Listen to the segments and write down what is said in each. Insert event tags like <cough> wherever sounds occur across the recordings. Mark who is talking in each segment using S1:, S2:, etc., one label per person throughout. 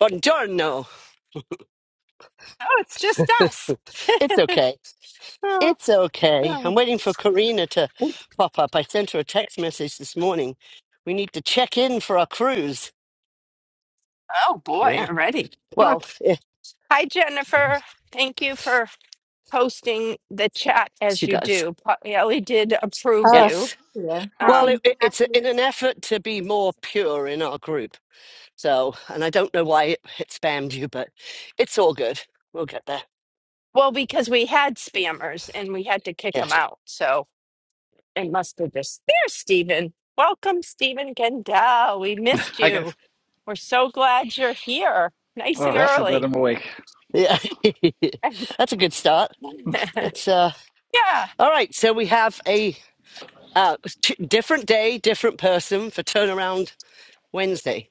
S1: Buongiorno.
S2: Oh, it's just us.
S1: <laughs> It's okay.
S2: Oh,
S1: It's okay.
S2: oh.
S1: I'm waiting for Karina to pop up. I sent her a text message this morning. We need to check in for our cruise.
S2: Oh, boy,
S1: Yeah.
S2: already. Huh.
S1: Well, eh,
S2: Hi, Jennifer. Thank you for posting the chat
S1: she
S2: as you
S1: does.
S2: do. Ellie did approve
S3: Oh, thank
S2: you.
S1: Yes.
S3: you. Happy,
S1: Well,
S2: Um,
S1: it, it- it's
S3: happy.
S1: in an effort to be more pure in our group. So, and I don't know why it, it spammed you, but it's all good. We'll get there.
S2: well, because we had spammers and we had to kick them
S1: Yes.
S2: out. So it must have just. There's Stephen. Welcome, Stephen Gendel. We missed
S4: Hi guys.
S2: you. We're so glad you're here. Nice and
S4: Oh,
S1: Yep.
S4: so glad
S2: early.
S4: I'm awake.
S1: Yeah. <laughs>
S2: <laughs>
S1: That's a good start.
S2: yeah.
S1: That's uh all right. So we have a Uh, it was t- different day, different person for turnaround Wednesday.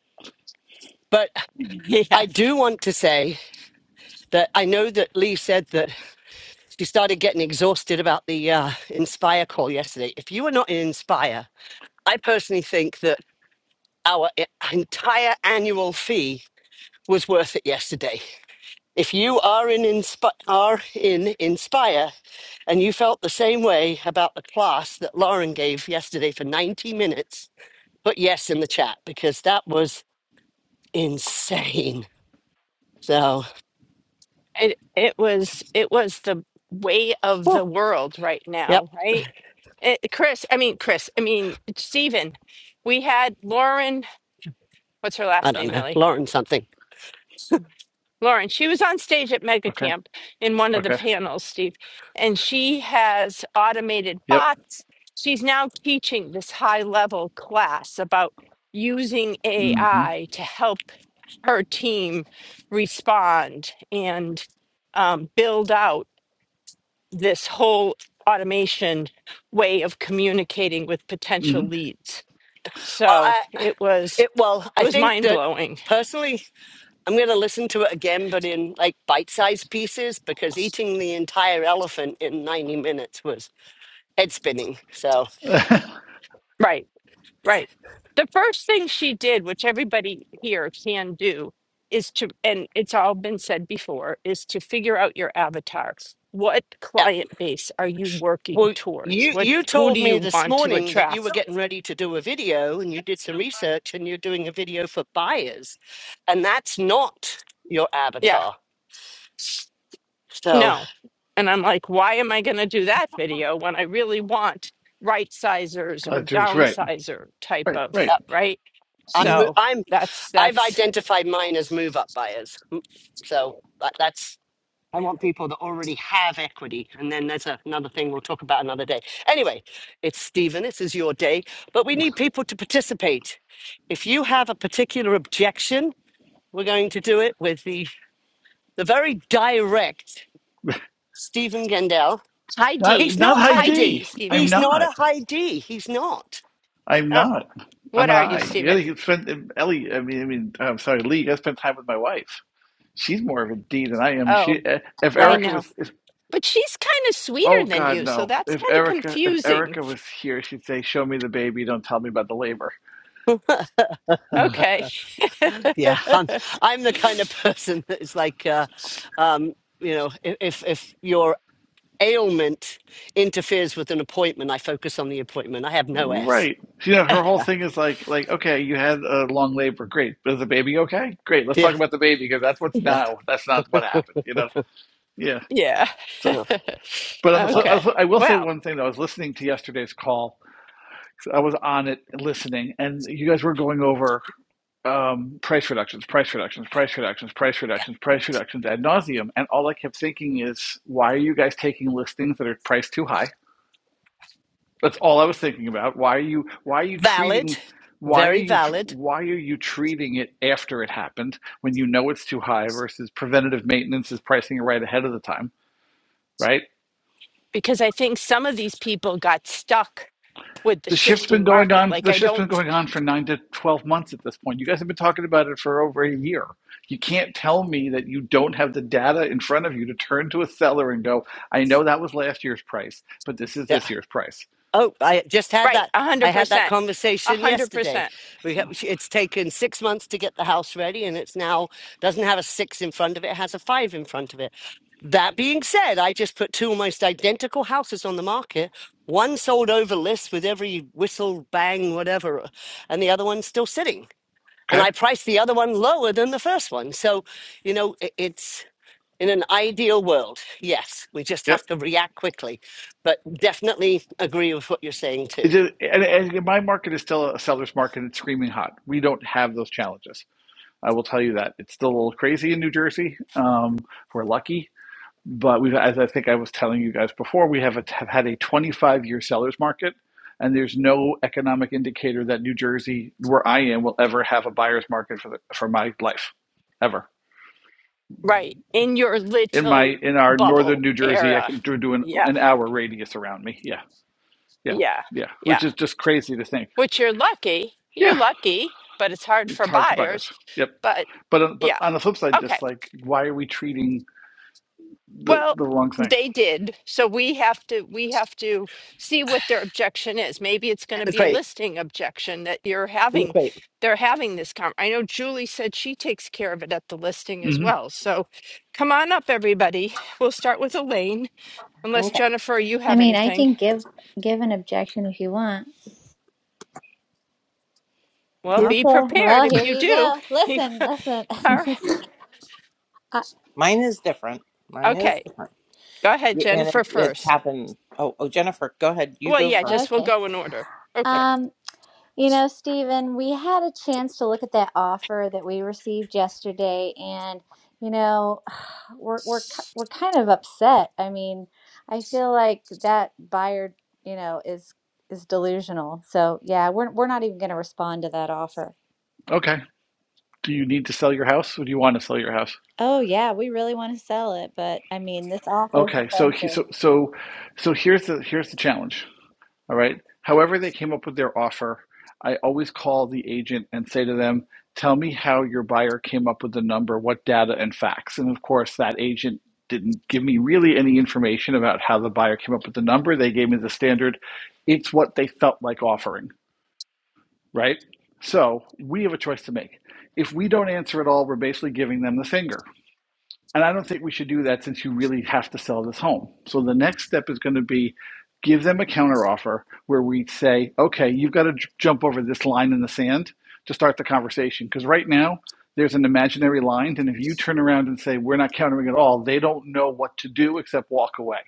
S1: But
S2: <laughs> Yeah.
S1: I do want to say that I know that Lee said that she started getting exhausted about the uh, Inspire call yesterday. If you are not in Inspire, I personally think that our e- entire annual fee was worth it yesterday. If you are in Inspi are in Inspire, and you felt the same way about the class that Lauren gave yesterday for 90 minutes, put yes in the chat because that was insane. So,
S2: it it was it was the way of
S1: whew,
S2: the world right
S1: yep,
S2: now, right? It, Chris, I mean Chris, I mean Stephen. We had Lauren. What's her
S1: I
S2: last
S1: don't
S2: name,
S1: know,
S2: Ellie?
S1: Lauren something.
S2: Lauren. She was on stage at
S4: Okay.
S2: MegaCamp in one of the
S4: Okay.
S2: panels, Steve, and she has automated
S4: Yep.
S2: bots. She's now teaching this high level class about using
S4: Mm-hmm.
S2: AI to help her team respond and um, build out. this whole automation way of communicating with potential
S4: Mm-hmm.
S2: leads.
S1: Well,
S2: So
S1: I,
S2: it was
S1: it well,
S2: it
S1: I
S2: was
S1: think
S2: mind
S1: that
S2: blowing.
S1: personally, I'm going to listen to it again, but in like bite-sized pieces because eating the entire elephant in 90 minutes was head spinning. So,
S2: Right, right. The first thing she did, which everybody here can do, is to and it's all been said before, is to figure out your avatar. What
S1: yep.
S2: client base are you working
S1: Well,
S2: towards?
S1: you
S2: What
S1: you
S2: who
S1: told
S2: do
S1: me
S2: you
S1: this
S2: want to
S1: morning that you were
S2: attract?
S1: getting ready to do a video and you did some research and you're doing a video for buyers, and that's not your
S2: Yeah.
S1: avatar. So,
S2: No. And I'm like, why am I going to do that video when I really want right sizers or
S4: Ledger's right.
S2: downsizer type
S4: Right.
S2: of,
S4: Right.
S1: yep.
S2: right?
S1: I'm
S4: hmm
S1: mo-
S2: So
S1: I'm
S2: that's,
S1: I've
S2: that's
S1: identified mine as move up buyers. So that, that's, I want people that already have equity. And then there's a, another thing we'll talk about another day. Anyway, it's Stephen, this is your day, but we need people to participate. If you have a particular objection, we're going to do it with the, the very direct Stephen Gendel.
S2: high
S4: Not
S2: D.
S1: He's
S4: not
S1: not
S4: high
S2: High
S1: Heidi.
S4: D.
S2: D,
S4: I'm
S2: Stephen.
S1: He's not a
S4: not.
S1: Heidi. He's not.
S4: I'm
S2: Uh,
S4: not.
S2: what
S4: I'm an
S2: are you,
S4: I. You
S2: Stephen?
S4: gotta spend Ellie. I mean, I mean. I'm sorry, Lee. You gotta spend time with my wife. She's more of a D than I am.
S2: Oh,
S4: She. eh, If
S2: I
S1: Well,
S4: Erica
S2: know.
S4: was. If,
S2: But she's kind of
S4: oh
S2: sweeter than
S4: God,
S2: you. So
S4: no.
S2: that's
S4: If
S2: kind of
S4: Erica. If
S2: confusing.
S4: Erica was here, she'd say, "Show me the baby. Don't tell me about the labor."
S1: <laughs>
S4: <laughs>
S2: Okay.
S1: Yeah, I'm, I'm the kind of person <laughs> that is like, uh, um, you know, i- if if your ailment interferes with an appointment, I focus on the appointment. I have no S.
S4: Right. You know, her whole
S1: Yeah,
S4: thing is like, like, okay, you had a long labor, great. But is the baby okay? Great. Let's talk about the baby because that's what's
S1: yeah,
S4: now. That's not what happened. You know. Yeah.
S2: Yeah.
S4: So,
S1: yeah.
S4: but
S2: <laughs>
S4: on the,
S1: Uh,
S4: flip- on
S2: okay.
S4: the flip- I will say
S2: Well,
S4: one thing though. I was listening to yesterday's call. I was on it listening, and you guys were going over um, price reductions, price reductions, price reductions, price
S1: uh,
S4: reductions, price reductions ad nauseum. And all I kept thinking is, why are you guys taking listings that are priced too high? That's all I was thinking about. Why are you why are you
S1: valid,
S4: treating why are
S1: very
S4: you
S1: valid.
S4: why are you treating it after it happened when you know it's too high versus preventative maintenance is pricing it right ahead of the time, right?
S2: because I think some of these people got stuck with the
S4: The shift's been
S2: shifting
S4: going
S2: market.
S4: on
S2: Like,
S4: the
S2: I
S4: shift's
S2: don't
S4: been going on for 9 to 12 months at this point. You guys have been talking about it for over a year. You can't tell me that you don't have the data in front of you to turn to a seller and go, "I know that was last year's price, but this is this year's price."
S1: Oh, I just had
S2: Right,
S1: that.
S2: a
S1: I
S2: hundred
S1: had that
S2: percent, a
S1: conversation
S2: hundred
S1: yesterday.
S2: percent.
S1: We ha-
S4: So,
S1: it's taken six months to get the house ready, and it's now doesn't have a six in front of it, it has a five in front of it. That being said, I just put two almost identical houses on the market. One sold over list with every whistle, bang, whatever, and the other one's still sitting. And
S4: okay?
S1: I priced the other one lower than the first one. So, you know, i- it's in an ideal world, yes, we just
S4: Yep.
S1: have to react quickly, but definitely agree with what you're saying
S4: It
S1: too.
S4: just, and, and my market is still a seller's market. It's screaming hot. We don't have those challenges. I will tell you that it's still a little crazy in New Jersey. Um, we're lucky, but we've, as I think I was telling you guys before, we have, a, have had a 25 year seller's market, and there's no economic indicator that New Jersey, where I am, will ever have a buyer's market for the, for my life, ever.
S2: Right, in your
S4: In my
S2: little
S4: in our northern
S2: bubble
S4: New Jersey, I
S2: era.
S4: can do, do an,
S2: Yeah,
S4: an hour radius around me. Yeah, yeah,
S2: yeah,
S4: yeah,
S2: yeah.
S4: which is just crazy to think.
S2: Which you're lucky.
S4: Yeah,
S2: You're lucky, but it's hard
S4: It's
S2: for
S4: hard for
S2: buyers.
S4: buyers. Yep.
S2: But
S4: But uh, but
S2: yeah,
S4: on the flip side,
S2: okay.
S4: just like why are we treating the
S2: Well,
S4: the wrong thing?
S2: they did. So we have to we have to see what their objection is. Maybe it's going
S1: In
S2: to
S1: the
S2: be a
S1: crate,
S2: listing objection that you're
S1: in the
S2: having
S1: crate.
S2: they're having this con. I know Julie said she takes care of it at the listing as
S4: hmm
S2: well. So come on up everybody. We'll start with Elaine unless
S5: Okay.
S2: Jennifer you
S3: I
S2: have
S3: mean, I
S2: anything.
S3: can give give an objection if you want.
S2: Well,
S1: Yeah.
S2: be
S3: Okay.
S2: prepared
S3: Well,
S2: if
S3: here
S2: you
S3: you
S2: do.
S3: go.
S2: <laughs> All
S3: Listen, listen.
S2: right.
S3: <laughs>
S5: Mine is different. Mine is
S2: Okay.
S5: different.
S2: Go ahead
S5: Y- And it,
S2: Jennifer
S5: it's
S2: first.
S5: happened. Oh, oh, Jennifer, go ahead. You
S2: Well,
S5: go
S2: yeah,
S5: first.
S3: Uh,
S2: just we'll
S3: okay.
S2: go in order.
S5: Okay.
S2: Okay.
S3: Um, you know, Stephen, we had a chance to look at that offer that we received yesterday, and you know, <sighs> we're we're ki- we're kind of upset. I mean, I feel like that buyer, you know, is is delusional. So yeah, we're we're not even going to respond to that offer.
S4: Okay. Do you need to sell your house, or do you want to sell your house?
S3: Oh, yeah, we really want to sell it, but I mean, this offer is
S4: Okay. So he,
S3: offensive.
S4: so so so here's the here's the challenge. All right. However they came up with their offer, I always call the agent and say to them, "Tell me how your buyer came up with the number, what data and facts." And of course, that agent didn't give me really any information about how the buyer came up with the number. They gave me the standard, "It's what they felt like offering." right? So we have a choice to make. If we don't answer at all, we're basically giving them the finger. And I don't think we should do that since you really have to sell this home. So the next step is going to be give them a counteroffer where we say, okay, you've got to j- jump over this line in the sand to start the conversation. Because right now, there's an imaginary line. And if you turn around and say, we're not countering at all, they don't know what to do except walk away.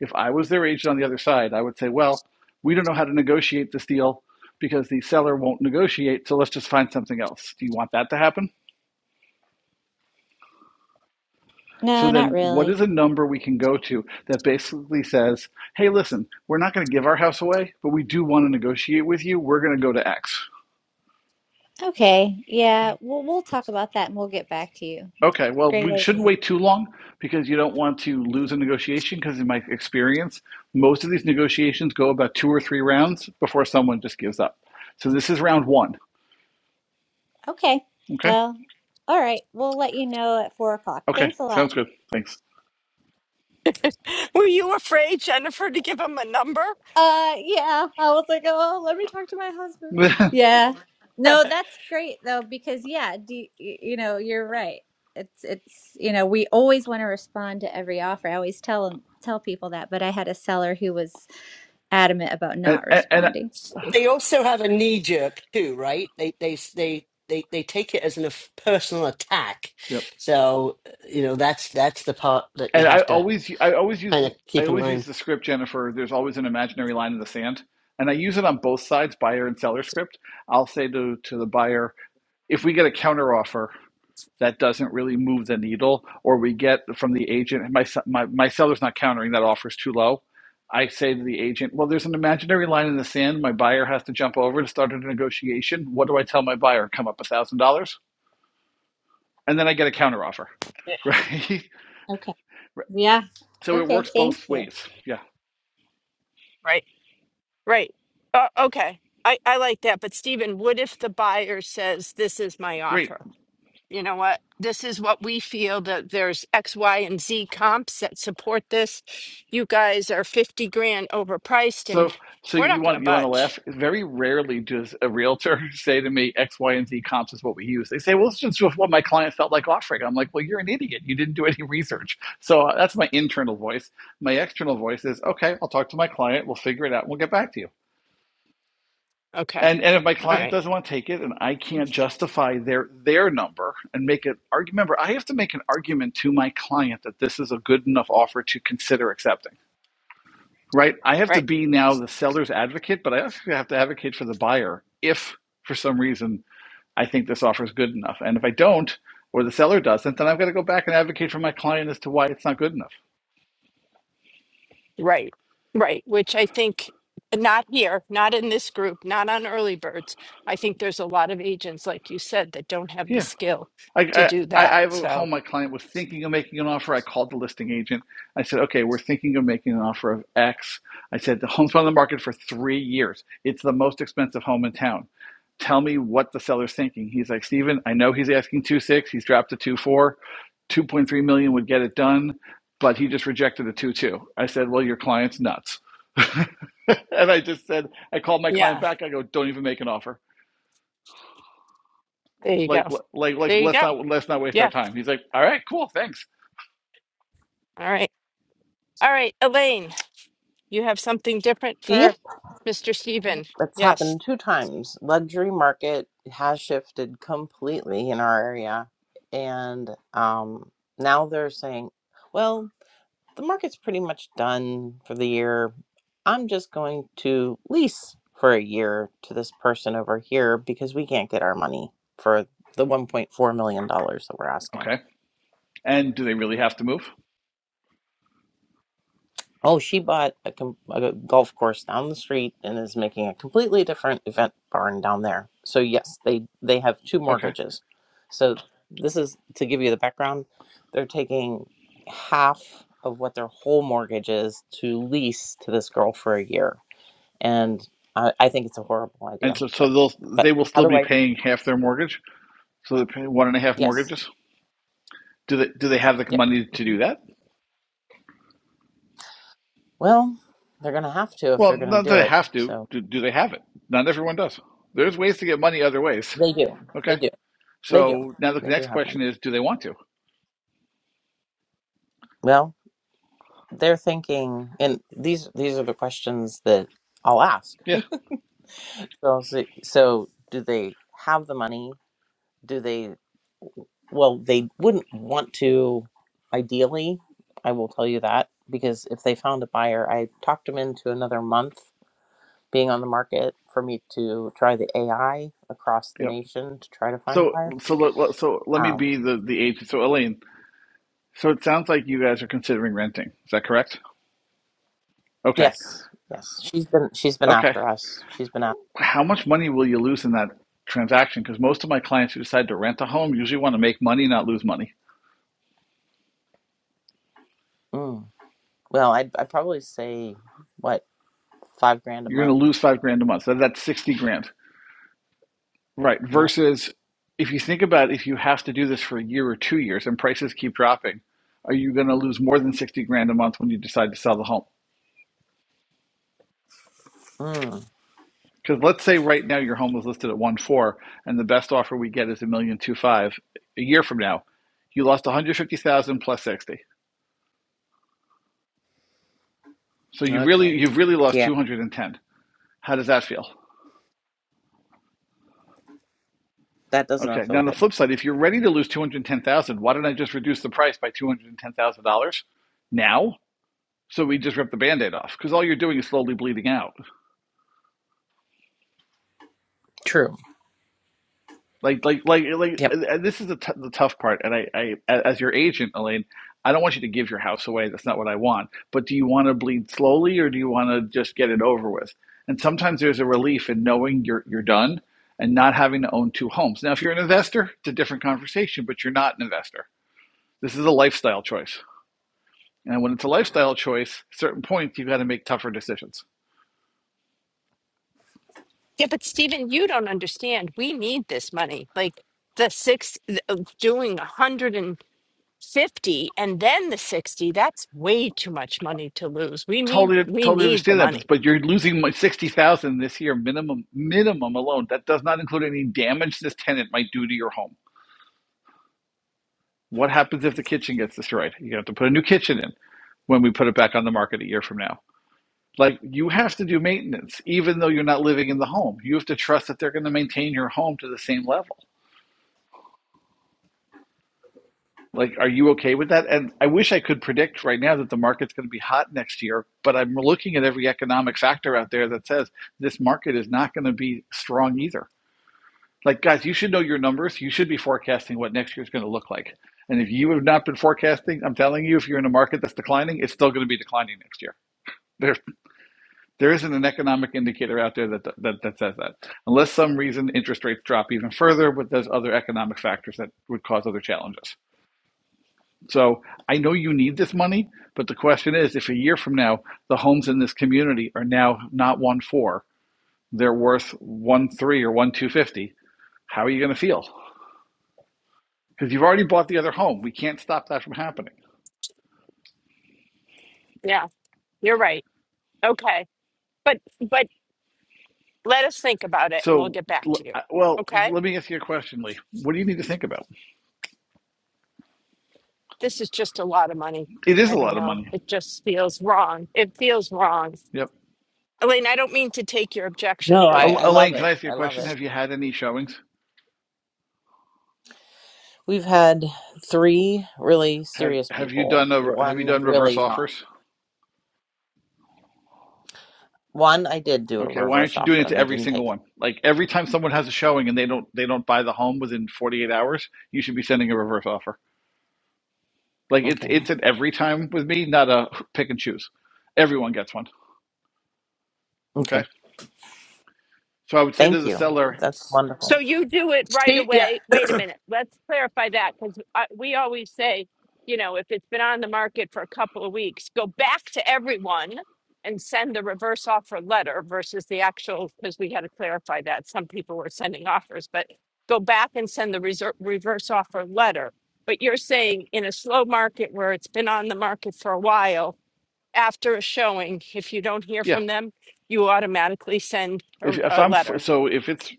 S4: If I was their agent on the other side, I would say, well, we don't know how to negotiate this deal because the seller won't negotiate. So let's just find something else. Do you want that to happen? So
S3: No, not
S4: then, what is
S3: really.
S4: a number we can go to that basically says, hey, listen, we're not going to give our house away, but we do want to negotiate with you. We're going to go to X.
S3: Okay. Yeah, we'll we'll talk about that and we'll get back to you.
S4: Okay, well,
S3: Great
S4: we shouldn't
S3: idea.
S4: wait too long because you don't want to lose a negotiation. Because, in my experience, most of these negotiations go about two or three rounds before someone just gives up. So, this is round one.
S3: Okay.
S4: Okay,
S3: Well, all right. We'll let you know at four o'clock.
S4: okay,
S3: Thanks a lot.
S4: sounds good. Thanks.
S2: <laughs> Were you afraid Jennifer to give him a number?
S3: Uh, yeah. I was like, oh, let me talk to my
S4: <laughs>
S3: husband.
S4: and,
S3: Yeah. No, that's great though, because yeah, do y- you know, you're right. It's it's you know, we always want to respond to every offer. I always tell 'em- tell people that, but I had a seller who was adamant about
S4: and,
S3: not
S4: and,
S3: responding.
S1: They also have a knee jerk too, right? They they they they they take it as a personal attack.
S4: yep.
S1: So uh, you know that's that's the part that you
S4: and I
S1: have to
S4: always I always use
S1: kind of
S4: I
S1: keep in
S4: always
S1: mind.
S4: use the script Jennifer. There's always an imaginary line in the sand, and I use it on both sides, buyer and seller script. I'll say to to the buyer, if we get a counter offer that doesn't really move the needle, or we get from the agent, my se- my my seller's not countering that offer's too low. I say to the agent, well, there's an imaginary line in the sand. My buyer has to jump over to start a negotiation. What do I tell my buyer? Come up a thousand dollars, and then I get a counter offer,
S2: <laughs>
S4: <laughs> right?
S3: Okay. Yeah.
S4: So it
S3: Okay,
S4: works both
S3: thank you.
S4: ways.
S2: Right. Right. Uh, okay. I, I like that. But Stephen, what if the buyer says, this is my
S4: Great.
S2: offer? You know what? This is what we feel that there's X, Y, and Z comps that support this. You guys are 50 grand overpriced and
S4: So, so
S2: we're
S4: you
S2: not going to
S4: want you want to
S2: budge.
S4: laugh? Very rarely does a realtor <laughs> say to me X, Y, and Z comps is what we use. They say, "Well, it's just what my client felt like offering." I'm like, "Well, you're an idiot. You didn't do any research." So uh, that's my internal voice. My external voice is, "Okay, I'll talk to my client. We'll figure it out. And We'll get back to you."
S2: Okay.
S4: And and if my
S2: All
S4: client
S2: right.
S4: doesn't want to take it, and I can't justify their their number and make an argument, remember, I have to make an argument to my client that this is a good enough offer to consider accepting. right? I have to
S2: Right.
S4: be now the seller's advocate, but I also have to advocate for the buyer if for some reason I think this offer is good enough. And if I don't, or the seller doesn't, then I've got to go back and advocate for my client as to why it's not good enough.
S2: Right. Right. Which I think not here, not in this group, not on early birds. I think there's a lot of agents, like you said, that don't have the
S4: Yeah.
S2: skill
S4: I,
S2: to
S4: I,
S2: do that.
S4: I have a home.
S2: So,
S4: My client was thinking of making an offer. I called the listing agent. I said, "Okay, we're thinking of making an offer of X." I said, "The home's been on the market for three years. It's the most expensive home in town. Tell me what the seller's thinking." He's like, "Steven, I know he's asking two point six. He's dropped to two point four. Two point three million would get it done, but he just rejected a two point two. I said, "Well, your client's nuts." <laughs> and I just said, I called my client
S2: yeah.
S4: back. I go, "Don't even make an offer."
S2: There you go.
S4: like like like
S2: There you
S4: let's
S2: go.
S4: not let's not waste our
S2: Yeah.
S4: time he's like all right cool thanks
S2: All right. All right, Elaine, you have something different for
S5: Yep.
S2: Mr. Steven.
S5: It's
S2: Yes.
S5: happened two times. Luxury market has shifted completely in our area. And um, now they're saying, well, the market's pretty much done for the year. I'm just going to lease for a year to this person over here because we can't get our money for the $1.4 million dollars that we're asking.
S4: okay and do they really have to move
S5: Oh, she bought a, com- a golf course down the street and is making a completely different event barn down there. So yes, they they have two
S4: okay
S5: mortgages. So this is to give you the background. They're taking half of what their whole mortgage is to lease to this girl for a year, and I, I think it's a horrible
S4: and
S5: idea.
S4: so so
S5: But
S4: they'll
S5: but
S4: they will
S5: how
S4: still
S5: do
S4: be
S5: I?
S4: paying half their mortgage so they're paying one and a half
S5: Yes.
S4: mortgages do they do they have the
S5: Yep.
S4: money to do
S5: Mhm.
S4: that
S5: Well, they're gonna have to if
S4: well
S5: they're gonna
S4: not that
S5: do
S4: they
S5: it.
S4: have to
S5: So
S4: do, do they have it not everyone does there's ways to get money other ways
S5: they do. They
S4: okay
S5: do. They do.
S4: so now the
S5: They do
S4: next
S5: have money.
S4: question is do they want to
S5: Well. they're thinking, and these these are the questions that I'll ask.
S4: yeah
S5: So, so, so do they have the money? Do they? Well, they wouldn't want to. Ideally, I will tell you that because if they found a buyer, I talked them into another month being on the market for me to try the AI across the
S4: yeah
S5: nation to try to find a
S4: so
S5: buyer.
S4: so let, so let me
S5: Um,
S4: be the the agent so elaine so it sounds like you guys are considering renting is that correct okay
S5: yes, yes, she's been she's been
S4: Okay.
S5: after us. She's been after.
S4: how much money will you lose in that transaction? Because most of my clients who decide to rent a home usually want to make money, not lose money.
S5: Mm, well, I'd I'd probably say what five grand a
S4: You're going
S5: month
S4: to lose five grand a month. So that's 60 grand. Right.
S5: Yep.
S4: Versus if you think about if you have to do this for a year or two years and prices keep dropping, are you going to lose more than 60 grand a month when you decide to sell the home?
S5: Mm,
S4: Because let's say right now your home was listed at one point four, and the best offer we get is a million two five. A year from now, you lost one hundred fifty thousand plus sixty. So you really
S5: okay.
S4: you've really lost
S5: Yeah,
S4: two hundred and ten. How does that feel?
S5: that does not
S4: Okay. Now,
S5: feel
S4: on the
S5: good.
S4: flip side, if you're ready to lose 210000 why don't I just reduce the price by $210,000 now? So we just rip the band-aid off because all you're doing is slowly bleeding out.
S5: True.
S4: Like, like, like, like.
S5: Yep.
S4: And this is the, t- the tough part. And I, I, as your agent, Elaine, I don't want you to give your house away. That's not what I want. But do you want to bleed slowly, or do you want to just get it over with? And sometimes there's a relief in knowing you're you're done and not having to own two homes. Now, if you're an investor, it's a different conversation. But you're not an investor. This is a lifestyle choice. And when it's a lifestyle choice, at certain points you've got to make tougher decisions.
S2: Yeah, but Steven, you don't understand. We need this money. Like the six th- uh, doing 150 and then the 60, that's way too much money to lose. We need
S4: Totally,
S2: we
S4: totally
S2: need the
S4: understand that, but,
S2: money.
S4: but you're losing my sixty thousand dollars this year minimum, minimum alone. That does not include any damage this tenant might do to your home. What happens if the kitchen gets destroyed? You have to put a new kitchen in when we put it back on the market a year from now. Like you have to do maintenance, even though you're not living in the home. You have to trust that they're going to maintain your home to the same level Like, are you okay with that? And I wish I could predict right now that the market's going to be hot next year, but I'm looking at every economic factor out there that says this market is not going to be strong either. Like, guys, you should know your numbers. You should be forecasting what next year is going to look like. And if you have not been forecasting, I'm telling you, if you're in a market that's declining, it's still going to be declining next year. There, there isn't an economic indicator out there that, that that says that, unless some reason interest rates drop even further, but there's other economic factors that would cause other challenges. So I know you need this money, but the question is if a year from now the homes in this community are now not one four, they're worth one three or one two fifty, how are you going to feel? Because you've already bought the other home. We can't stop that from happening.
S2: Yeah, you're right. Okay. But but let us think about it and we'll
S4: So,
S2: get back to you.
S4: well,
S2: Okay?
S4: let me ask you a question, Lee. What do you need to think about?
S2: This is just a lot of money.
S4: It is
S2: I
S4: a
S2: don't
S4: lot of
S2: know.
S4: money.
S2: It just feels wrong. It feels wrong.
S4: Yep.
S2: Elaine, I don't mean to take your objection,
S5: No, I,
S2: but
S5: I love
S4: Elaine, can
S5: it.
S4: I ask you a
S5: I love
S4: question?
S5: it.
S4: Have you had any showings?
S5: We've had three really
S4: Have
S5: serious
S4: Have you
S5: people,
S4: done a, Have you
S5: one
S4: done reverse
S5: really not.
S4: offers?
S5: One, I did do a
S4: Okay, why
S5: reverse
S4: aren't you doing
S5: offer
S4: it
S5: and
S4: to
S5: they
S4: every
S5: didn't
S4: single
S5: take it.
S4: one? Like every time someone has a showing and they don't they don't buy the home within 48 hours, you should be sending a reverse offer. Like it's
S5: Okay.
S4: it's an every time with me, not a pick and choose. Everyone gets one. Okay,
S5: Okay.
S4: so I would say to
S5: Thank
S4: the
S5: you.
S4: seller,
S5: That's wonderful.
S2: so you do it right
S1: Steve, yeah,
S2: away. Wait a minute. Let's clarify that because we always say, you know, if it's been on the market for a couple of weeks, go back to everyone and send the reverse offer letter versus the actual, because we had to clarify that. Some people were sending offers, but go back and send the reser reverse offer letter. But you're saying in a slow market where it's been on the market for a while, after a showing, if you don't hear
S4: yeah,
S2: from them, you automatically send a,
S4: if if
S2: a
S4: I'm
S2: letter.
S4: so if it's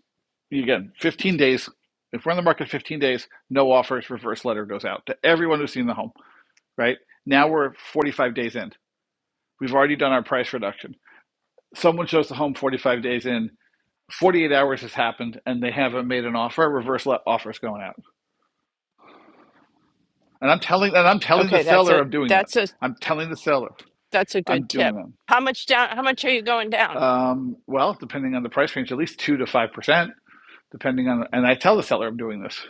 S4: again 15 days, if we're in the market 15 days, no offers, reverse letter goes out to everyone who's seen the home. Right now we're 45 days in. We've already done our price reduction. Someone shows the home 45 days in 48 hours has happened and they haven't made an offer a reverse le- offer is going out and i'm telling and i'm telling the
S2: Okay, that's
S4: seller
S2: a
S4: i'm doing that
S2: that's a
S4: i'm telling the seller
S2: that's a
S4: i'm
S2: good
S4: doing
S2: tip.
S4: that
S2: How much down? How much are you going down?
S4: um, well depending on the price range at least 2 to 5% depending on and i tell the seller i'm doing this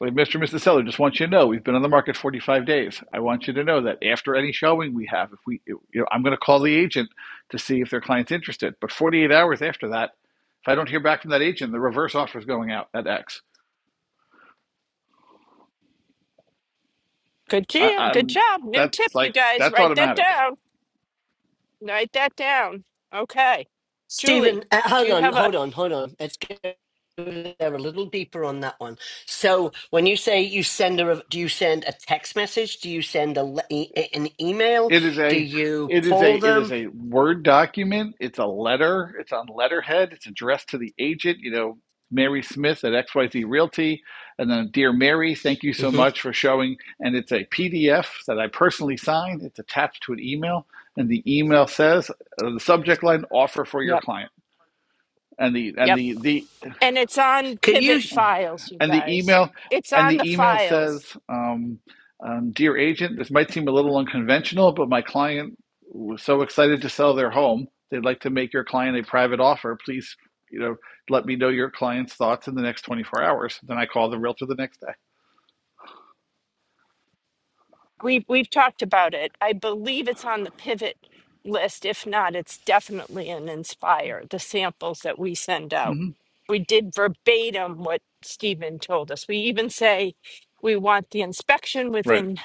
S4: like mr and mrs seller just want you to know we've been on the market 45 days i want you to know that after any showing we have if we you know i'm going to call the agent to see if their client's interested but 48 hours after that if i don't hear back from that agent the reverse offer is going out at x
S2: Good
S4: I,
S2: job. Good
S4: I'm
S2: job. New
S4: that's
S2: tip, you
S4: like
S2: guys.
S4: that's
S2: Write that
S4: automatic.
S2: down. Write that down. Okay, Julie,
S1: Stephen, uh,
S2: do
S1: hang
S2: you
S1: on,
S2: have a?
S1: hold on, hold on. Let's go there a little deeper on that one. So, when you say you send a, do you send a text message? Do you send a le- e- e, an email?
S4: It is
S1: Do
S4: a
S1: you
S4: it is a
S1: call
S4: it is
S1: them?
S4: a word document. It's a letter. It's on letterhead. It's addressed to the agent. You know, Mary Smith at XYZ Realty, and then dear Mary, thank you so
S1: hmm
S4: much for showing. And it's a PDF that I personally sign. It's attached to an email, and the email says uh, the subject line offer for your
S2: Yep.
S4: client. And the and
S2: Yep.
S4: the the
S2: And it's on
S1: Could you?
S2: Pivot Files, you
S4: And the
S2: guys.
S4: email
S2: It's
S4: and
S2: on the
S4: the email
S2: files.
S4: says, um, um, "Dear agent, this might seem a little unconventional, but my client was so excited to sell their home, they'd like to make your client a private offer. Please, you know, let me know your client's thoughts in the next 24 hours." Then I call the realtor the next day.
S2: We've we've talked about it. I believe it's on the pivot list. If not, it's definitely an Inspire, the samples that we send out.
S4: hmm
S2: We did verbatim what Stephen told us. We even say we want the inspection
S4: Right,
S2: within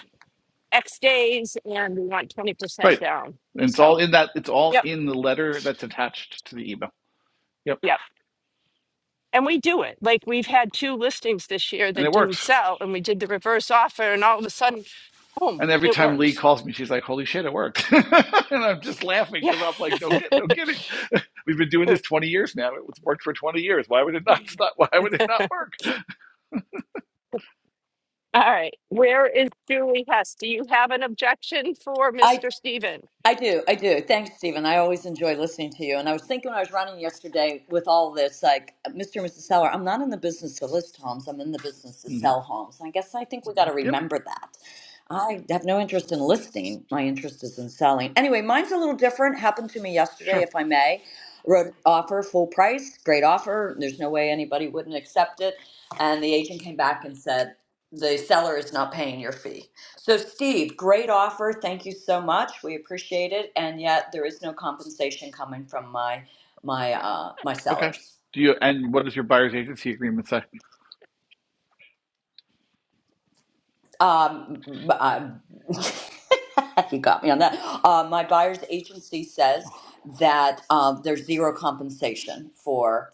S2: X days and we want 20%
S4: right.
S2: down.
S4: And it's all
S2: So,
S4: in that. It's all
S2: yep,
S4: in the letter that's attached to the email. Yep,
S2: yep. And we do it. Like we've had two listings this year
S4: and
S2: that
S4: it
S2: didn't
S4: works.
S2: sell and we did the reverse offer and all of a sudden, boom,
S4: And every
S2: it
S4: time Lee
S2: works.
S4: calls me, she's like, "Holy shit, it worked!" <laughs> and I'm just laughing
S2: Yeah.
S4: because I'm like, "No, kid- no kidding." We've been doing this 20 years now. It's worked for 20 years. Why would it not? not why would it
S2: <laughs>
S4: not work?
S2: All right. Where is Julie Hess? Do you have an objection for
S6: I
S2: Mr. Steven?
S6: I do, I do. Thanks, Stephen. I always enjoy listening to you. And I was thinking when I was running yesterday with all this, like Mr. and Mrs. Seller, I'm not in the business to list homes. I'm in the business to
S4: hmm
S6: sell homes. And I guess I think we got to
S4: Yep.
S6: remember that. I have no interest in listing. My interest is in selling. Anyway, mine's a little different. Happened to me yesterday,
S4: Sure.
S6: if I may. Wrote an offer full price, great offer. There's no way anybody wouldn't accept it. And the agent came back and said, the seller is not paying your fee. So, Steve, great offer. Thank you so much. We appreciate it. And yet, there is no compensation coming from my my uh, my
S4: Okay.
S6: sellers.
S4: Do you? And what does your buyer's agency agreement say?
S6: Um, b- uh, <laughs> you got me on that. Uh, my buyer's agency says that um, there's zero compensation for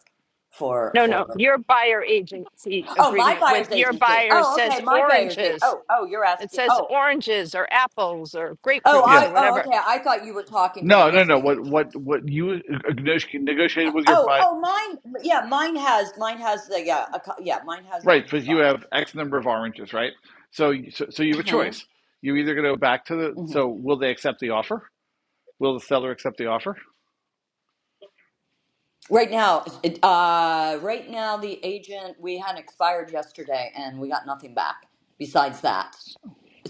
S6: for
S2: No, no.
S6: for.
S2: Your buyer agency
S6: Oh, my
S2: agreement with
S6: buyer's
S2: your
S6: agency.
S2: buyer
S6: Oh,
S2: says
S6: okay, my buyer's agency.
S2: oranges.
S6: Oh, oh, you're
S2: It
S6: asking.
S2: says
S6: Oh,
S2: oranges or apples or
S6: oh,
S2: grapefruits
S4: Yeah.
S2: or
S6: I. Oh,
S2: whatever.
S6: okay. I thought you were talking to the
S4: No. No. No.
S6: listing
S4: What?
S6: agent.
S4: What? What you negotiated with your
S6: Oh,
S4: buyer,
S6: oh, mine. Yeah, mine has mine has the yeah a, co- yeah mine has
S4: Right. But
S6: oranges
S4: you
S6: on it.
S4: have X number of oranges, right? So, so, so you have a
S6: hmm
S4: choice. You either go back to the.
S6: hmm
S4: So, will they accept the offer? Will the seller accept the offer?
S6: Right now, it, uh, right now the agent we had expired yesterday, and we got nothing back besides that.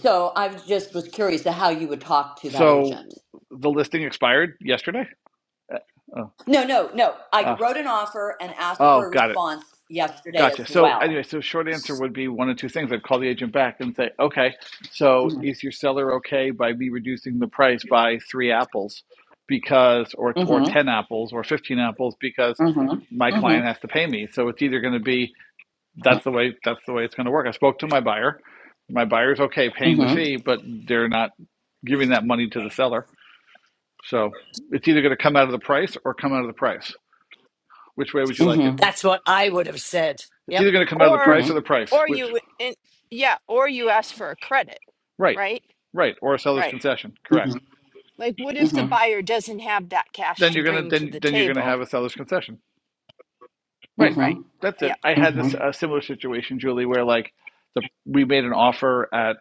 S6: So I was just was curious to how you would talk to that
S4: So,
S6: agent.
S4: the listing expired yesterday. Uh, Oh,
S6: No, no, no. I
S4: ah,
S6: wrote an offer and asked for
S4: oh,
S6: a
S4: got it.
S6: response yesterday
S4: Gotcha.
S6: as
S4: So
S6: well.
S4: anyway, so short answer would be one of two things. I'd call the agent back and say, okay, so
S6: Mm-hmm.
S4: is your seller okay by me reducing the price by three apples because, or or
S6: Mm-hmm.
S4: ten apples or fifteen apples because my
S6: Mm-hmm.
S4: client
S6: Mm-hmm.
S4: has to pay me. So it's either going to be that's the way that's the way it's going to work. I spoke to my buyer. My buyer's okay
S6: Mm-hmm.
S4: paying the fee, but they're not giving that money to the seller. So it's either going to come out of the price or come out of the price. Which way would you
S6: Mm-hmm.
S4: like it?
S1: That's what I would have said.
S4: It's
S1: Yep.
S4: either
S1: <laughs>
S4: going to come out of the
S2: Or,
S4: price or the
S6: Mm-hmm.
S4: price.
S2: or
S4: Which
S2: you, in, yeah, or you ask for a credit,
S4: Right.
S2: right?
S4: Right. Or a seller's
S2: Right.
S4: concession. Correct.
S2: Like, what if the
S6: Mm-hmm.
S2: buyer doesn't have that cash
S4: Then
S2: to
S4: you're gonna
S2: bring to
S4: then
S2: the
S4: then you're gonna
S2: table?
S4: have a seller's concession. Right.
S2: Right.
S4: That's it.
S2: Yeah.
S4: I had this
S6: Mm-hmm.
S4: a similar situation, Julie, where like the we made an offer at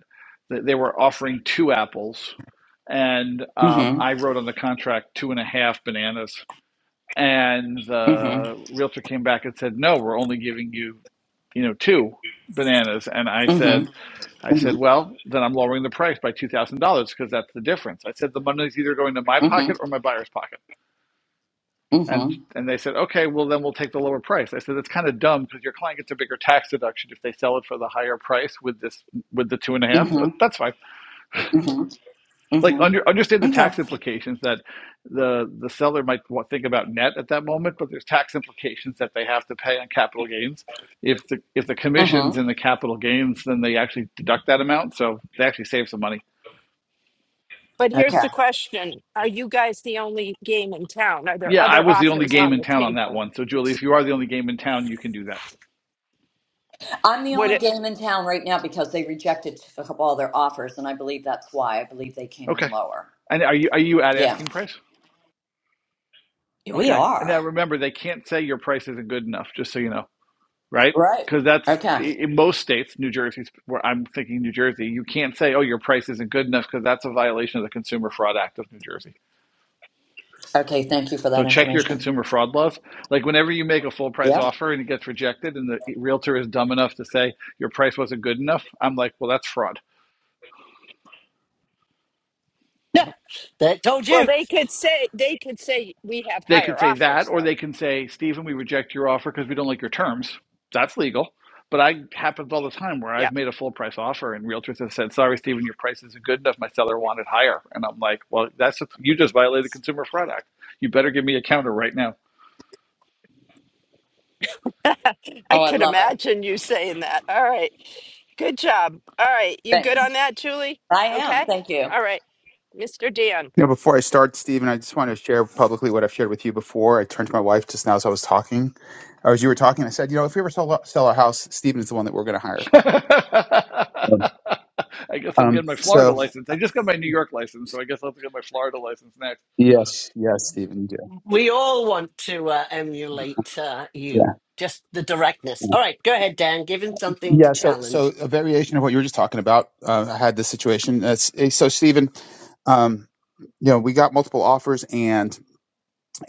S4: they were offering two apples, and um,
S6: Mm-hmm.
S4: I wrote on the contract two and a half bananas, and
S6: Mm-hmm.
S4: the realtor came back and said, "No, we're only giving you, you know, two bananas," and I said.
S6: Mm-hmm.
S4: I
S6: Mm-hmm.
S4: said, well, then I'm lowering the price by $2,000 because that's the difference. I said, the money's either going to my
S6: Mm-hmm.
S4: pocket or my buyer's pocket. And,
S6: Mm-hmm.
S4: and they said, okay, well, then we'll take the lower price. I said, that's kind of dumb because your client gets a bigger tax deduction if they sell it for the higher price with this, with the two and a half, but that's fine.
S6: Mm-hmm. Mm-hmm.
S4: Like
S6: Mm-hmm.
S4: under, understand the
S6: Okay.
S4: tax implications that the, the seller might think about net at that moment, but there's tax implications that they have to pay on capital gains. If the, if the commission's
S6: Mm-hmm.
S4: in the capital gains, then they actually deduct that amount. So they actually save some money
S2: But
S6: Okay.
S2: here's the question Are you guys the only game in town? Are there
S4: Yeah, I
S2: other
S4: was the only
S2: offers
S4: game
S2: on
S4: in
S2: the
S4: town on that
S2: table?
S4: one. So Julie, if you are the only game in town, you can do that.
S6: I'm the
S2: Would
S6: only
S2: it?
S6: game in town right now because they rejected a couple of their offers, and I believe that's why. I believe they came in
S4: Okay.
S6: lower.
S4: And are you are you at
S6: Yeah.
S4: asking price?
S6: Yeah, We
S4: Okay. And now
S6: are.
S4: remember, they can't say your price isn't good enough, just so you know, right?
S6: Right.
S4: Because that's
S6: Okay.
S4: in most states, New Jersey's where I'm thinking New Jersey, you can't say, oh, your price isn't good enough because that's a violation of the Consumer Fraud Act of New Jersey.
S6: Okay. Thank you for
S4: So
S6: that
S4: check your
S6: information.
S4: consumer fraud laws. Like whenever you make a full price
S6: Yeah.
S4: offer and it gets rejected and the realtor is dumb enough to say your price wasn't good enough, I'm like, well, that's fraud
S1: Yeah, that told
S2: Well,
S1: you.
S2: they could say they could say we have
S4: They could
S2: higher
S4: say that,
S2: offers,
S4: or they
S2: though.
S4: can say, Stephen, we reject your offer because we don't like your terms. That's legal. But I happens all the time where
S2: Yeah,
S4: I've made a full price offer and realtors have said, sorry, Stephen, your price isn't good enough. My seller wanted higher. And I'm like, well, that's just, you just violated the Consumer Fraud Act. You better give me a counter right now.
S2: <laughs> I
S6: Oh, I
S2: could
S6: love it.
S2: imagine you saying that. All right, good job. All right, you good
S6: Thanks.
S2: on that, Julie?
S6: I am.
S2: Okay.
S6: Thank you.
S2: All right, Mr. Dan.
S7: You know, before I start, Stephen, I just want to share publicly what I've shared with you before. I turned to my wife just now as I was talking, or as you were talking. I said, you know, if we ever sell, sell our house, Stephen is the one that we're going to hire.
S4: <laughs> I guess I'm
S7: Um,
S4: getting my Florida
S7: so
S4: license. I just got my New York license, so I guess I'll have to get my Florida license next.
S7: yes, yes, Stephen, you do.
S1: We all want to uh, emulate uh, you,
S7: Yeah,
S1: just the directness.
S7: yeah.
S1: All right, go ahead, Dan. Give him something to
S7: Yeah, So, so
S1: challenge.
S7: a variation of what you were just talking about. Uh, I had this situation. That's, eh, so, Stephen, um, you know, we got multiple offers, and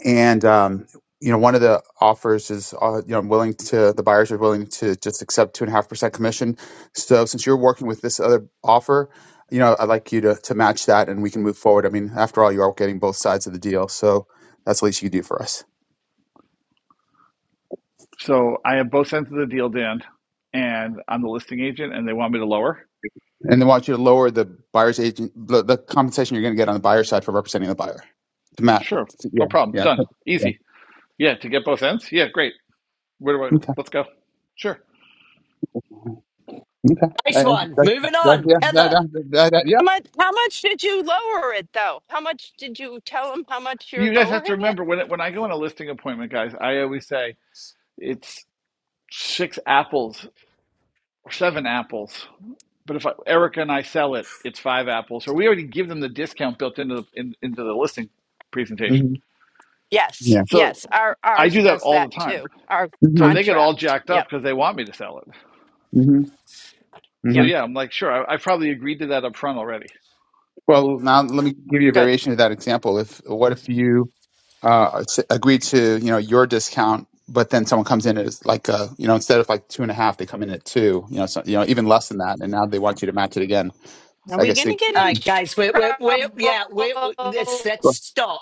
S7: And um, you know, one of the offers is uh, you know I'm willing to the buyers are willing to just accept two and a half percent commission. So since you're working with this other offer, you know, I'd like you to to match that, and we can move forward. I mean, after all, you are getting both sides of the deal, so that's the least you can do for us.
S4: So I have both ends of the deal, Dan, and I'm the listing agent and they want me to lower.
S7: And they want you to lower the buyer's agent the, the compensation you're going to get on the buyer side for representing the buyer. To Matt,
S4: Sure,
S7: yeah,
S4: no problem.
S7: yeah,
S4: Done.
S7: yeah.
S4: Easy.
S7: yeah,
S4: Yeah, to get both ends. Yeah, great. Where do I?
S7: Okay,
S4: Let's go. Sure.
S7: okay. I,
S1: Nice
S7: I,
S1: one.
S7: that,
S1: Moving
S7: that,
S1: on,
S7: yeah, that,
S1: Heather.
S7: that, that, that, yeah.
S2: How much? How much did you lower it though? How much did you tell him? How much you're
S4: You guys have to
S2: lowering it?
S4: remember when it, when I go on a listing appointment, guys. I always say it's six apples or seven apples. But if I, Erica and I sell it, it's five apples. So we already give them the discount built into the in, into the listing presentation.
S7: hmm
S2: Yes,
S7: Yeah.
S2: yes.
S4: So
S2: Our
S4: I
S2: ours
S4: do that
S2: does
S4: all
S2: that
S4: the time.
S2: too. Our
S7: mm
S4: So they
S7: hmm
S4: get all
S2: contract.
S4: jacked up
S2: Yep,
S4: because they want me to sell it.
S7: mm-hmm,
S4: So
S7: hmm
S2: yep.
S4: yeah, I'm like, sure, I, I probably agreed to that up front already.
S7: Well, now let me give you a
S2: Good.
S7: variation of that example. If what if you uh, s- agree to you know your discount, but then someone comes in as like uh you know instead of like two and a half, they come in at two. You know, so, you know even less than that, and now they want you to match it again.
S2: Are
S7: I
S2: we
S7: guess
S2: gonna
S7: the
S2: get
S1: All
S2: in
S7: <laughs>
S1: right, guys, we're we're, we're
S2: trouble?
S1: yeah we're, we're- let's let's
S7: well,
S1: stop.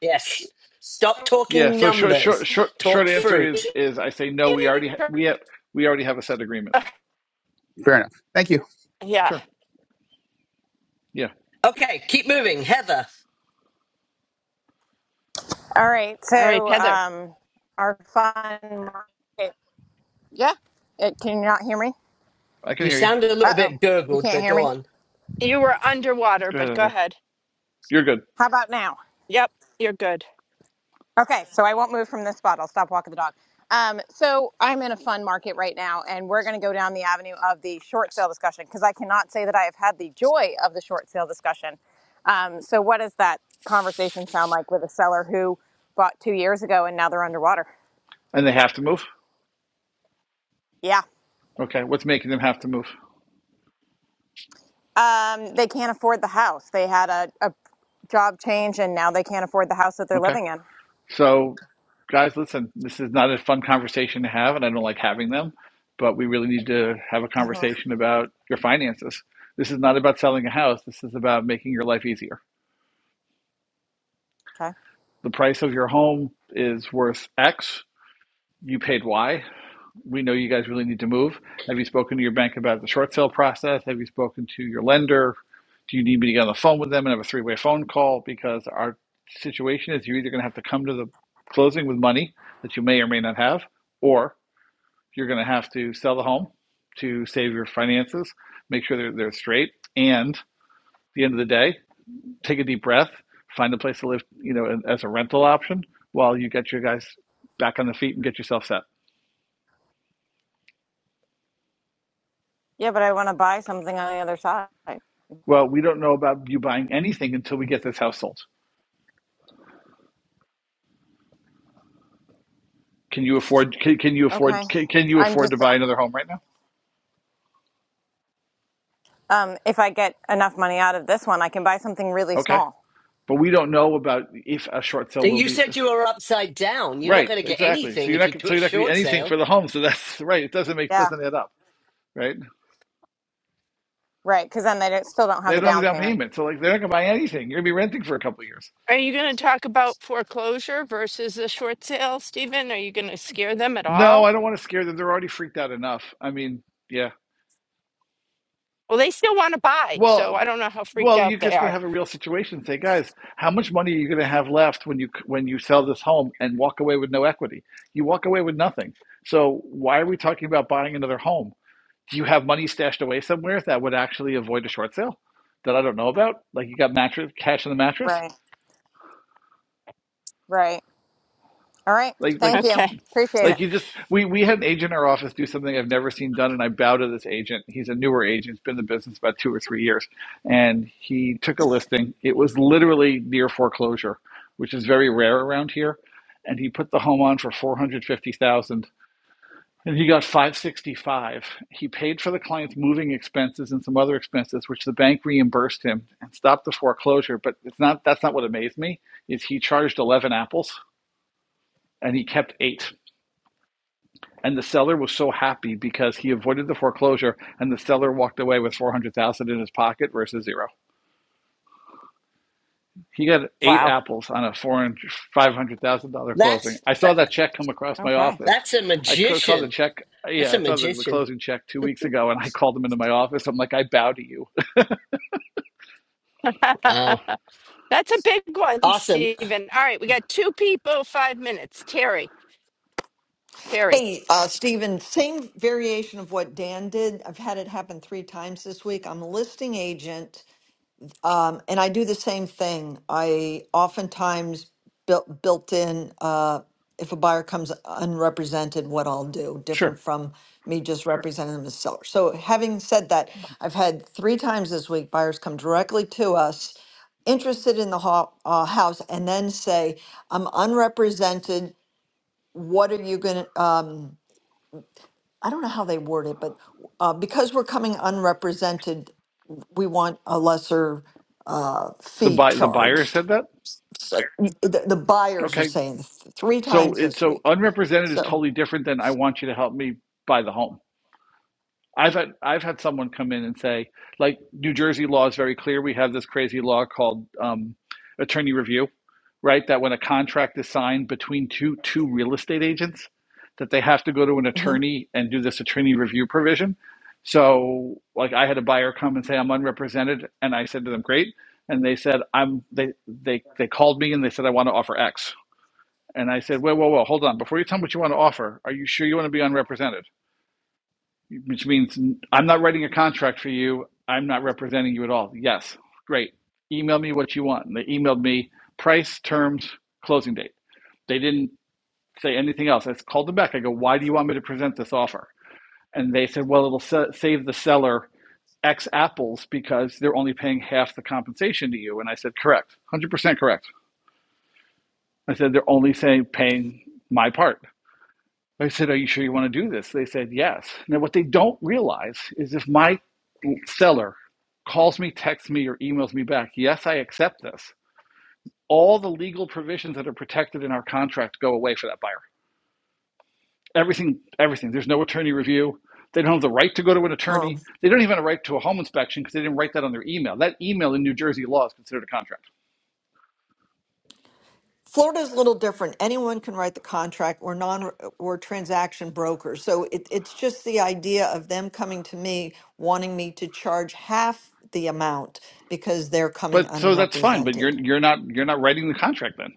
S1: Yes. Stop
S4: Yeah,
S1: talking
S4: so short,
S1: numbers.
S4: short, short, short
S1: Talk
S4: answer is
S1: fruit.
S4: is I say
S2: <laughs>
S4: no. We already ha
S2: Getting
S4: we have we already have a set agreement.
S2: Ugh,
S7: fair enough. Thank you.
S2: yeah.
S4: Sure. Yeah,
S1: Okay, keep moving. Heather,
S8: All right,
S2: All right,
S8: so
S2: Heather,
S8: um, our fun market. Yeah, it, can you not hear me?
S4: I can
S1: you
S4: hear you.
S1: sounded a
S8: Uh
S1: little
S8: oh,
S1: bit
S8: you
S1: gurgled,
S8: can't
S1: but
S8: hear
S1: go
S8: me.
S1: on.
S2: you were underwater,
S4: Go ahead,
S2: but go
S4: Heather.
S2: ahead.
S4: You're good.
S8: How about now?
S2: Yep, you're good.
S8: Okay, so I won't move from this spot. I'll stop walking the dog. Um, so I'm in a fun market right now, and we're going to go down the avenue of the short sale discussion because I cannot say that I have had the joy of the short sale discussion. Um, so what does that conversation sound like with a seller who bought two years ago and now they're underwater?
S4: And they have to move.
S8: Yeah.
S4: Okay. What's making them have to move?
S8: Um, they can't afford the house. They had a, a job change and now they can't afford the house that they're
S4: Okay.
S8: living in.
S4: So, guys, listen. This is not a fun conversation to have, and I don't like having them. But we really need to have a
S8: hmm
S4: conversation about your finances. This is not about selling a house. This is about making your life easier.
S8: Okay.
S4: The price of your home is worth X. You paid Y we know you guys really need to move. Have you spoken to your bank about the short sale process? Have you spoken to your lender? Do you need me to get on the phone with them and have a three way phone call? Because our situation is you're either going to have to come to the closing with money that you may or may not have, or you're going to have to sell the home to save your finances, make sure they're, they're straight. And at the end of the day, take a deep breath, find a place to live, you know, as a rental option while you get your guys back on the feet and get yourself set.
S8: Yeah, but I want to buy something on the other side.
S4: Well, we don't know about you buying anything until we get this house sold. Can you afford? Can, can you
S8: Okay.
S4: afford? Can, can you
S8: I'm
S4: afford to
S8: just,
S4: buy another home right now?
S8: um, if I get enough money out of this one, I can buy something really
S4: Okay,
S8: small.
S4: but we don't know about if a short sale will
S1: You
S4: be
S1: said you were upside down. You're not
S4: right.
S1: going to get
S4: Exactly. So
S1: anything
S4: you're
S1: if
S4: not.
S1: you do
S4: So
S1: a
S4: you're not going to get
S1: short
S4: anything
S1: sale.
S4: for the home. So that's <laughs> right. It doesn't make
S8: Yeah,
S4: doesn't add up. Right.
S8: Right. Because then they don't, still don't
S4: They
S8: have the
S4: don't have the
S8: down
S4: down
S8: payment.
S4: payment, so like they're not going to buy anything. You're going to be renting for a couple of years.
S2: Are you going to talk about foreclosure versus the short sale, Stephen? Are you going to scare them at
S4: No,
S2: all?
S4: I don't want to scare them. They're already freaked out enough. I mean, yeah.
S2: Well, they still want to buy, so
S4: Well,
S2: I don't know how freaked
S4: well,
S2: out
S4: you're
S2: they
S4: just gonna
S2: are.
S4: have a real situation. Say, guys, how much money are you gonna have left when you when you sell this home and walk away with no equity? You walk away with nothing. So why are we talking about buying another home? Do you have money stashed away somewhere that would actually avoid a short sale that I don't know about? Like you got mattress cash in the mattress?
S8: right. Right. All right.
S4: Like like
S8: Thank you.
S2: Okay.
S8: Appreciate it.
S4: Like you just we we had an agent in our office do something I've never seen done, and I bow to this agent. He's a newer agent, he's been in the business about two or three years, and he took a listing. It was literally near foreclosure, which is very rare around here, and he put the home on for four hundred fifty thousand. dollars, And he got 565. He paid for the client's moving expenses and some other expenses, which the bank reimbursed him and stopped the foreclosure. But it's not that's not what amazed me, is he charged 11 apples and he kept eight. and the seller was so happy because he avoided the foreclosure and the seller walked away with 400,000 in his pocket versus zero. He got eight
S2: Wow.
S4: apples on a four and $500,000 closing.
S1: That's
S4: I saw
S1: that,
S4: that check come across my
S8: Okay.
S4: office.
S1: that's a
S4: I saw the
S1: magician.
S4: check.
S1: That's
S4: Yeah,
S1: a
S4: I saw the, the
S1: magician.
S4: closing check two weeks ago and I called him into my office. I'm like, I bow to you. <laughs>
S2: <laughs>
S1: Wow.
S2: That's a big one,
S1: Awesome.
S2: Stephen. All right, we got two people, five minutes. Terry, Terry.
S9: Hey, uh, Stephen, same variation of what Dan did. I've had it happen three times this week. I'm a listing agent, um, and I do the same thing. I oftentimes built built in uh, if a buyer comes unrepresented, what I'll do, different
S4: Sure.
S9: from me just representing them as seller. So, having said that, I've had three times this week buyers come directly to us interested in the ho- uh, house and then say, I'm unrepresented. What are you going to? I don't know how they word it, but uh, because we're coming unrepresented, we want a lesser uh,
S4: The,
S9: fee
S4: bu- the buyer
S9: charged.
S4: said that?
S9: So y- the, the buyers are
S4: Okay.
S9: saying th- three
S4: So,
S9: times
S4: it,
S9: this
S4: so
S9: week.
S4: unrepresented is
S9: So,
S4: totally different than I want you to help me buy the home. I've had I've had someone come in and say, like, New Jersey law is very clear. We have this crazy law called um, attorney review, right? That when a contract is signed between two two real estate agents, that they have to go to an
S9: mhm.
S4: attorney and do this attorney review provision. So, like, I had a buyer come and say I'm unrepresented, and I said to them, great, and they said I'm they they they called me and they said I want to offer X, and I said, whoa, whoa, whoa, hold on, before you tell me what you want to offer, are you sure you want to be unrepresented? which means I'm not writing a contract for you. I'm not representing you at all. Yes, great. Email me what you want. And they emailed me price, terms, closing date. They didn't say anything else. I called them back. I go, why do you want me to present this offer? And they said, well, it'll sa- save the seller X apples because they're only paying half the compensation to you. And I said, correct, 100% correct. I said, they're only saying paying my part. I said, Are you sure you want to do this? They said, Yes. Now, what they don't realize is if my seller calls me, texts me, or emails me back, Yes, I accept this, all the legal provisions that are protected in our contract go away for that buyer. Everything, everything. There's no attorney review. They don't have the right to go to an attorney.
S9: Well,
S4: They don't even have a right to a home inspection because they didn't write that on their email. That email in New Jersey law is considered a contract.
S9: Florida's a little different. Anyone can write the contract or non or transaction broker. So it, it's just the idea of them coming to me wanting me to charge half the amount because they're coming
S4: But so that's fine. But you're
S9: unrepresented.
S4: you're not you're not writing the contract then.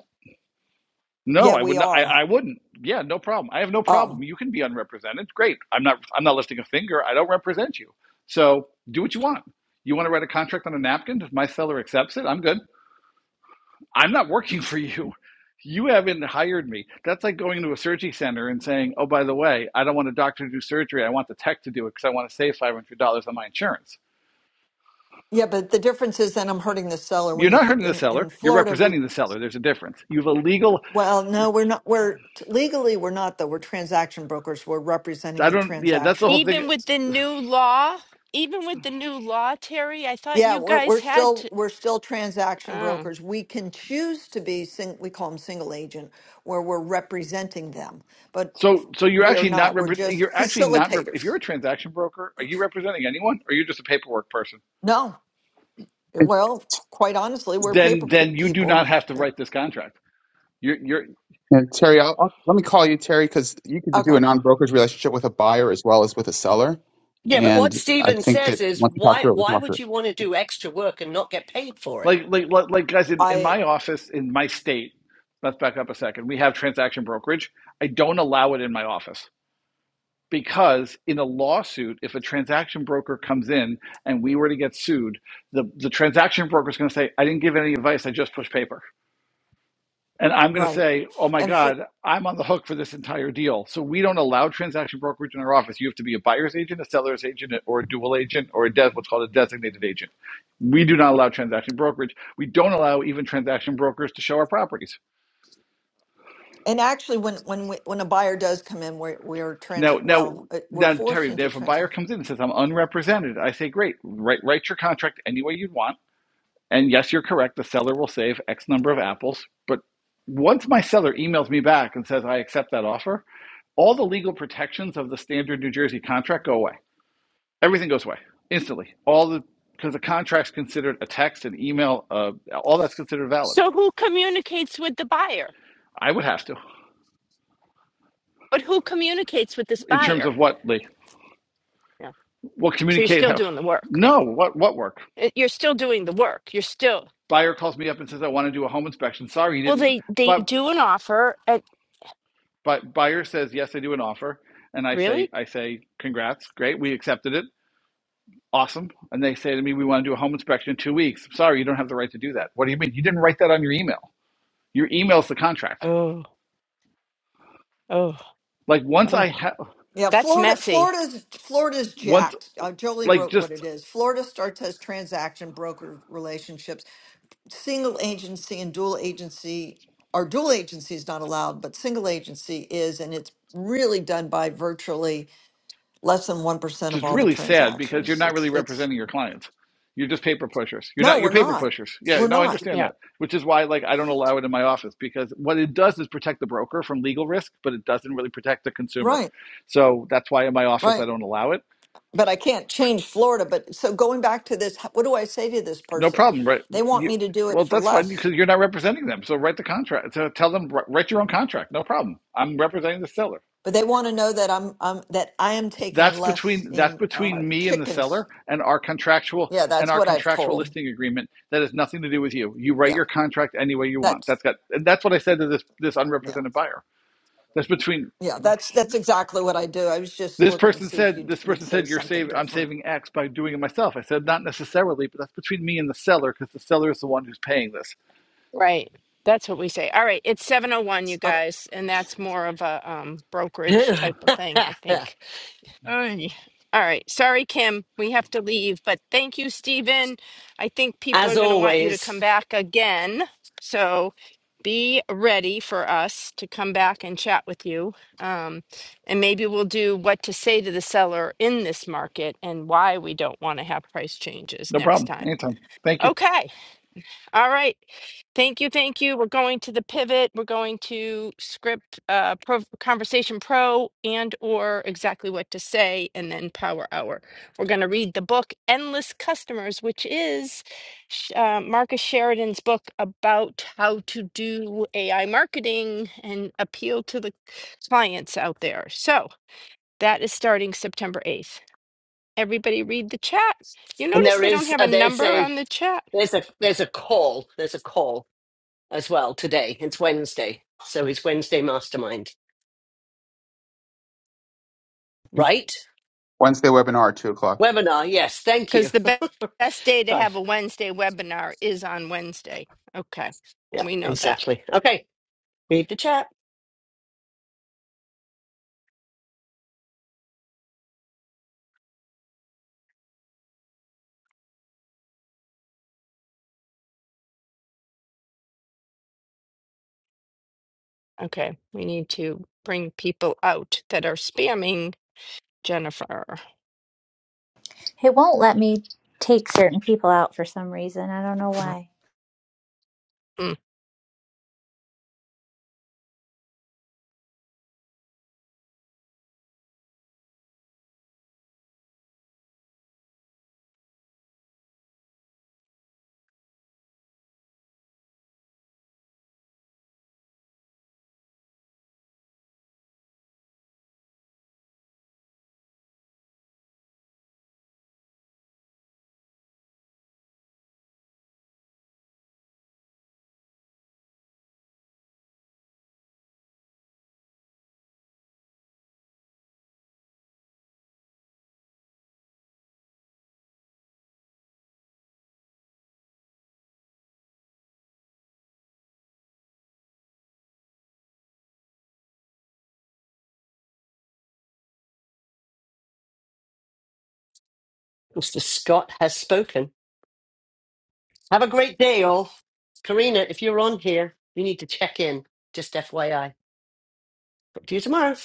S4: No,
S9: Yeah,
S4: I would
S9: we
S4: not. I,
S9: are.
S4: I wouldn't. Yeah, no problem. I have no
S9: Oh.
S4: problem. You can be unrepresented. Great. I'm not. I'm not lifting a finger. I don't represent you. So do what you want. You want to write a contract on a napkin? If my seller accepts it, I'm good. I'm not working for you. You haven't hired me. That's like going to a surgery center and saying, "Oh, by the way, I don't want a doctor to do surgery. I want the tech to do it because I want to save five hundred dollars on my insurance."
S9: Yeah, but the difference is then I'm hurting the seller
S4: You're
S9: when you
S4: not
S9: th
S4: hurting the
S9: in
S4: seller.
S9: in
S4: You're
S9: Florida we
S4: representing the seller. There's a difference. You have a legal.
S9: well, no, we're not we're legally we're not though. We're transaction brokers. We're
S4: I
S9: representing the
S4: don't. Yeah, that's the whole
S9: transaction.
S4: thing.
S2: Even with the new law, even with the new law, Terry, I thought
S9: Yeah,
S2: you
S9: we're, we're
S2: guys had
S9: still
S2: to.
S9: we're still transaction
S2: Oh.
S9: brokers. We can choose to be sing, we call them single agent where we're representing them, but
S4: So, so you're
S9: we are
S4: actually not
S9: not. We're
S4: repre- you're
S9: just
S4: actually not rep- if you're
S9: facilitators.
S4: a transaction broker, are you representing anyone, or you're just a paperwork person?
S9: No. Eh,
S7: And,
S9: Well, qu- quite honestly, we're
S4: Then,
S9: paper pe-
S4: then you do
S9: people.
S4: not have to
S9: Eh,
S4: write this contract. You're, you're
S7: and Terry, I'll, I'll, let me call you Terry because you could do
S9: Okay.
S7: a non-brokerage relationship with a buyer as well as with a seller,
S1: Yeah, but what
S7: and I
S1: Steven
S7: think
S1: says
S7: that
S1: is
S7: once we talk
S1: why
S7: through it, we can
S1: why
S7: walk through
S1: would
S7: it.
S1: you want to do extra work and not get paid for it?
S4: like, like, like, like guys in, in
S9: I
S4: my office in my state. Let's back up a second. We have transaction brokerage. I don't allow it in my office because in a lawsuit, if a transaction broker comes in and we were to get sued, the the transaction broker is going to say, "I didn't give any advice. I just pushed paper." and I'm going to
S9: right.
S4: say, oh my
S9: And
S4: God, I'm on the hook for this entire deal. So we don't allow transaction brokerage in our office. You have to be a buyer's agent, a seller's agent, or a dual agent, or a des- what's called a designated agent. We do not allow transaction brokerage. We don't allow even transaction brokers to show our properties.
S9: And actually, when when we, when a buyer does come in, we're we're trans
S4: Now,
S9: well,
S4: now,
S9: uh, we're
S4: now,
S9: forced
S4: Terry,
S9: into
S4: if a buyer
S9: transaction.
S4: comes in and says, I'm unrepresented, I say, great, write, write your contract any way you'd want And yes, you're correct. The seller will save X number of apples. But once my seller emails me back and says, I accept that offer, all the legal protections of the standard New Jersey contract go away. Everything goes away instantly. All the because the contract's considered a text, an email, uh, all that's considered valid.
S2: So who communicates with the buyer?
S4: I would have to
S2: But who communicates with this
S4: in terms
S2: buyer?
S4: of what Lee,
S2: Yeah.
S4: what
S2: So you're
S4: communicate
S2: still
S4: how.
S2: doing the work.
S4: No, what what work?
S2: Uh, You're still doing the work. You're still
S4: Buyer calls me up and says, I want to do a home inspection. Sorry, you
S2: well.
S4: didn't.
S2: They they
S4: but.
S2: do an offer and
S4: But buyer says, yes, I do an offer. And I say,
S2: really.
S4: I say, congrats, great, we accepted it. Awesome. And they say to me, we want to do a home inspection in two weeks. I'm Sorry, you don't have the right to do that. What do you mean? You didn't write that on your email. Your email's the contract.
S2: Oh oh
S4: Like once
S2: oh.
S4: I have
S9: Yeah,
S2: That's
S9: Florida,
S2: messy.
S9: Florida's Florida's
S4: once
S9: jacked. Uh, Jolie
S4: like
S9: wrote
S4: just
S9: what it is. Florida starts as transaction broker relationships. Single agency and dual agency, or dual agency is not allowed, but single agency is, and it's really done by virtually less than one percent
S4: which
S9: of
S4: is
S9: all the
S4: really sad because you're
S9: transactions.
S4: not
S9: It's
S4: really
S9: it's
S4: representing your clients. You're just paper pushers. You're
S9: no,
S4: not you're
S9: we're
S4: paper
S9: not,
S4: pushers. Yeah,
S9: we're
S4: no, I
S9: not
S4: understand
S2: Yeah.
S4: that. Which is why like I don't allow it in my office because what it does is protect the broker from legal risk, but it doesn't really protect the consumer.
S9: right,
S4: So that's why in my office
S9: right.
S4: I don't allow it.
S9: but I can't change Florida. But so going back to this, what do I say to this
S4: No
S9: person?
S4: problem, right?
S9: They want
S4: You,
S9: me to do it
S4: well,
S9: for
S4: that's fine
S9: less,
S4: because you're not representing them. So write the contract. So tell them write your own contract. No problem. I'm representing the seller
S9: but they want to know that I'm, I'm that I am taking
S4: That's
S9: less
S4: between that's
S9: in uh,
S4: between me and the
S9: chickens.
S4: seller and our contractual
S9: Yeah,
S4: and
S9: that's
S4: our
S9: what I've
S4: contractual
S9: told them.
S4: listing agreement. That has nothing to do with you. You write
S9: Yeah,
S4: your contract any way you want.
S9: that's
S4: That's got and that's what I said to this this
S9: yeah,
S4: unrepresented buyer. That's between
S9: yeah. That's that's exactly what I do. I was just
S4: this
S9: looking to
S4: person
S9: see if
S4: said
S9: you
S4: this
S9: would
S4: person
S9: say
S4: said you're
S9: something
S4: save I'm
S9: different.
S4: saving X by doing it myself. I said not necessarily, but that's between me and the seller because the seller is the one who's paying this.
S2: Right. That's what we say. All right. It's seven oh one, you
S9: Okay.
S2: guys, and that's more of a um, brokerage type of thing, I
S1: <laughs>
S2: think. Alrighty. All right. Sorry, Kim. We have to leave, but thank you, Stephen. I think people
S1: As
S2: are going to want you to come
S1: always,
S2: back again. So be ready for us to come back and chat with you. Um, and maybe we'll do what to say to the seller in this market and why we don't want to have price changes
S4: No
S2: next
S4: problem.
S2: time.
S4: Anytime. Thank you.
S2: Okay. All right. Thank you. Thank you. We're going to the pivot. We're going to script uh, pro, conversation pro and or exactly what to say and then power hour. We're going to read the book Endless Customers, which is Sh- uh, Marcus Sheridan's book about how to do AI marketing and appeal to the clients out there. So that is starting September 8th. Everybody read the chat. You
S1: and
S2: notice
S1: there
S2: they don't
S1: is
S2: have a
S1: uh, there's
S2: number
S1: a
S2: on the chat.
S1: there's a there's a call. There's a call. as well today. It's Wednesday. So it's Wednesday Mastermind, right?
S7: Wednesday webinar at two o'clock.
S1: Webinar, yes, thank you.
S2: Because the be-
S1: <laughs>
S2: best day to
S1: Fine.
S2: have a Wednesday webinar is on Wednesday. Okay,
S1: Yeah,
S2: we know that.
S1: exactly. Okay, read the chat.
S2: Okay, we need to bring people out that are spamming Jennifer.
S3: It won't let me take certain people out for some reason. I don't know why.
S2: Mm.
S1: Mr. Scott has spoken. Have a great day, all. Karina, if you're on here, you need to check in. Just FYI. Talk to you tomorrow.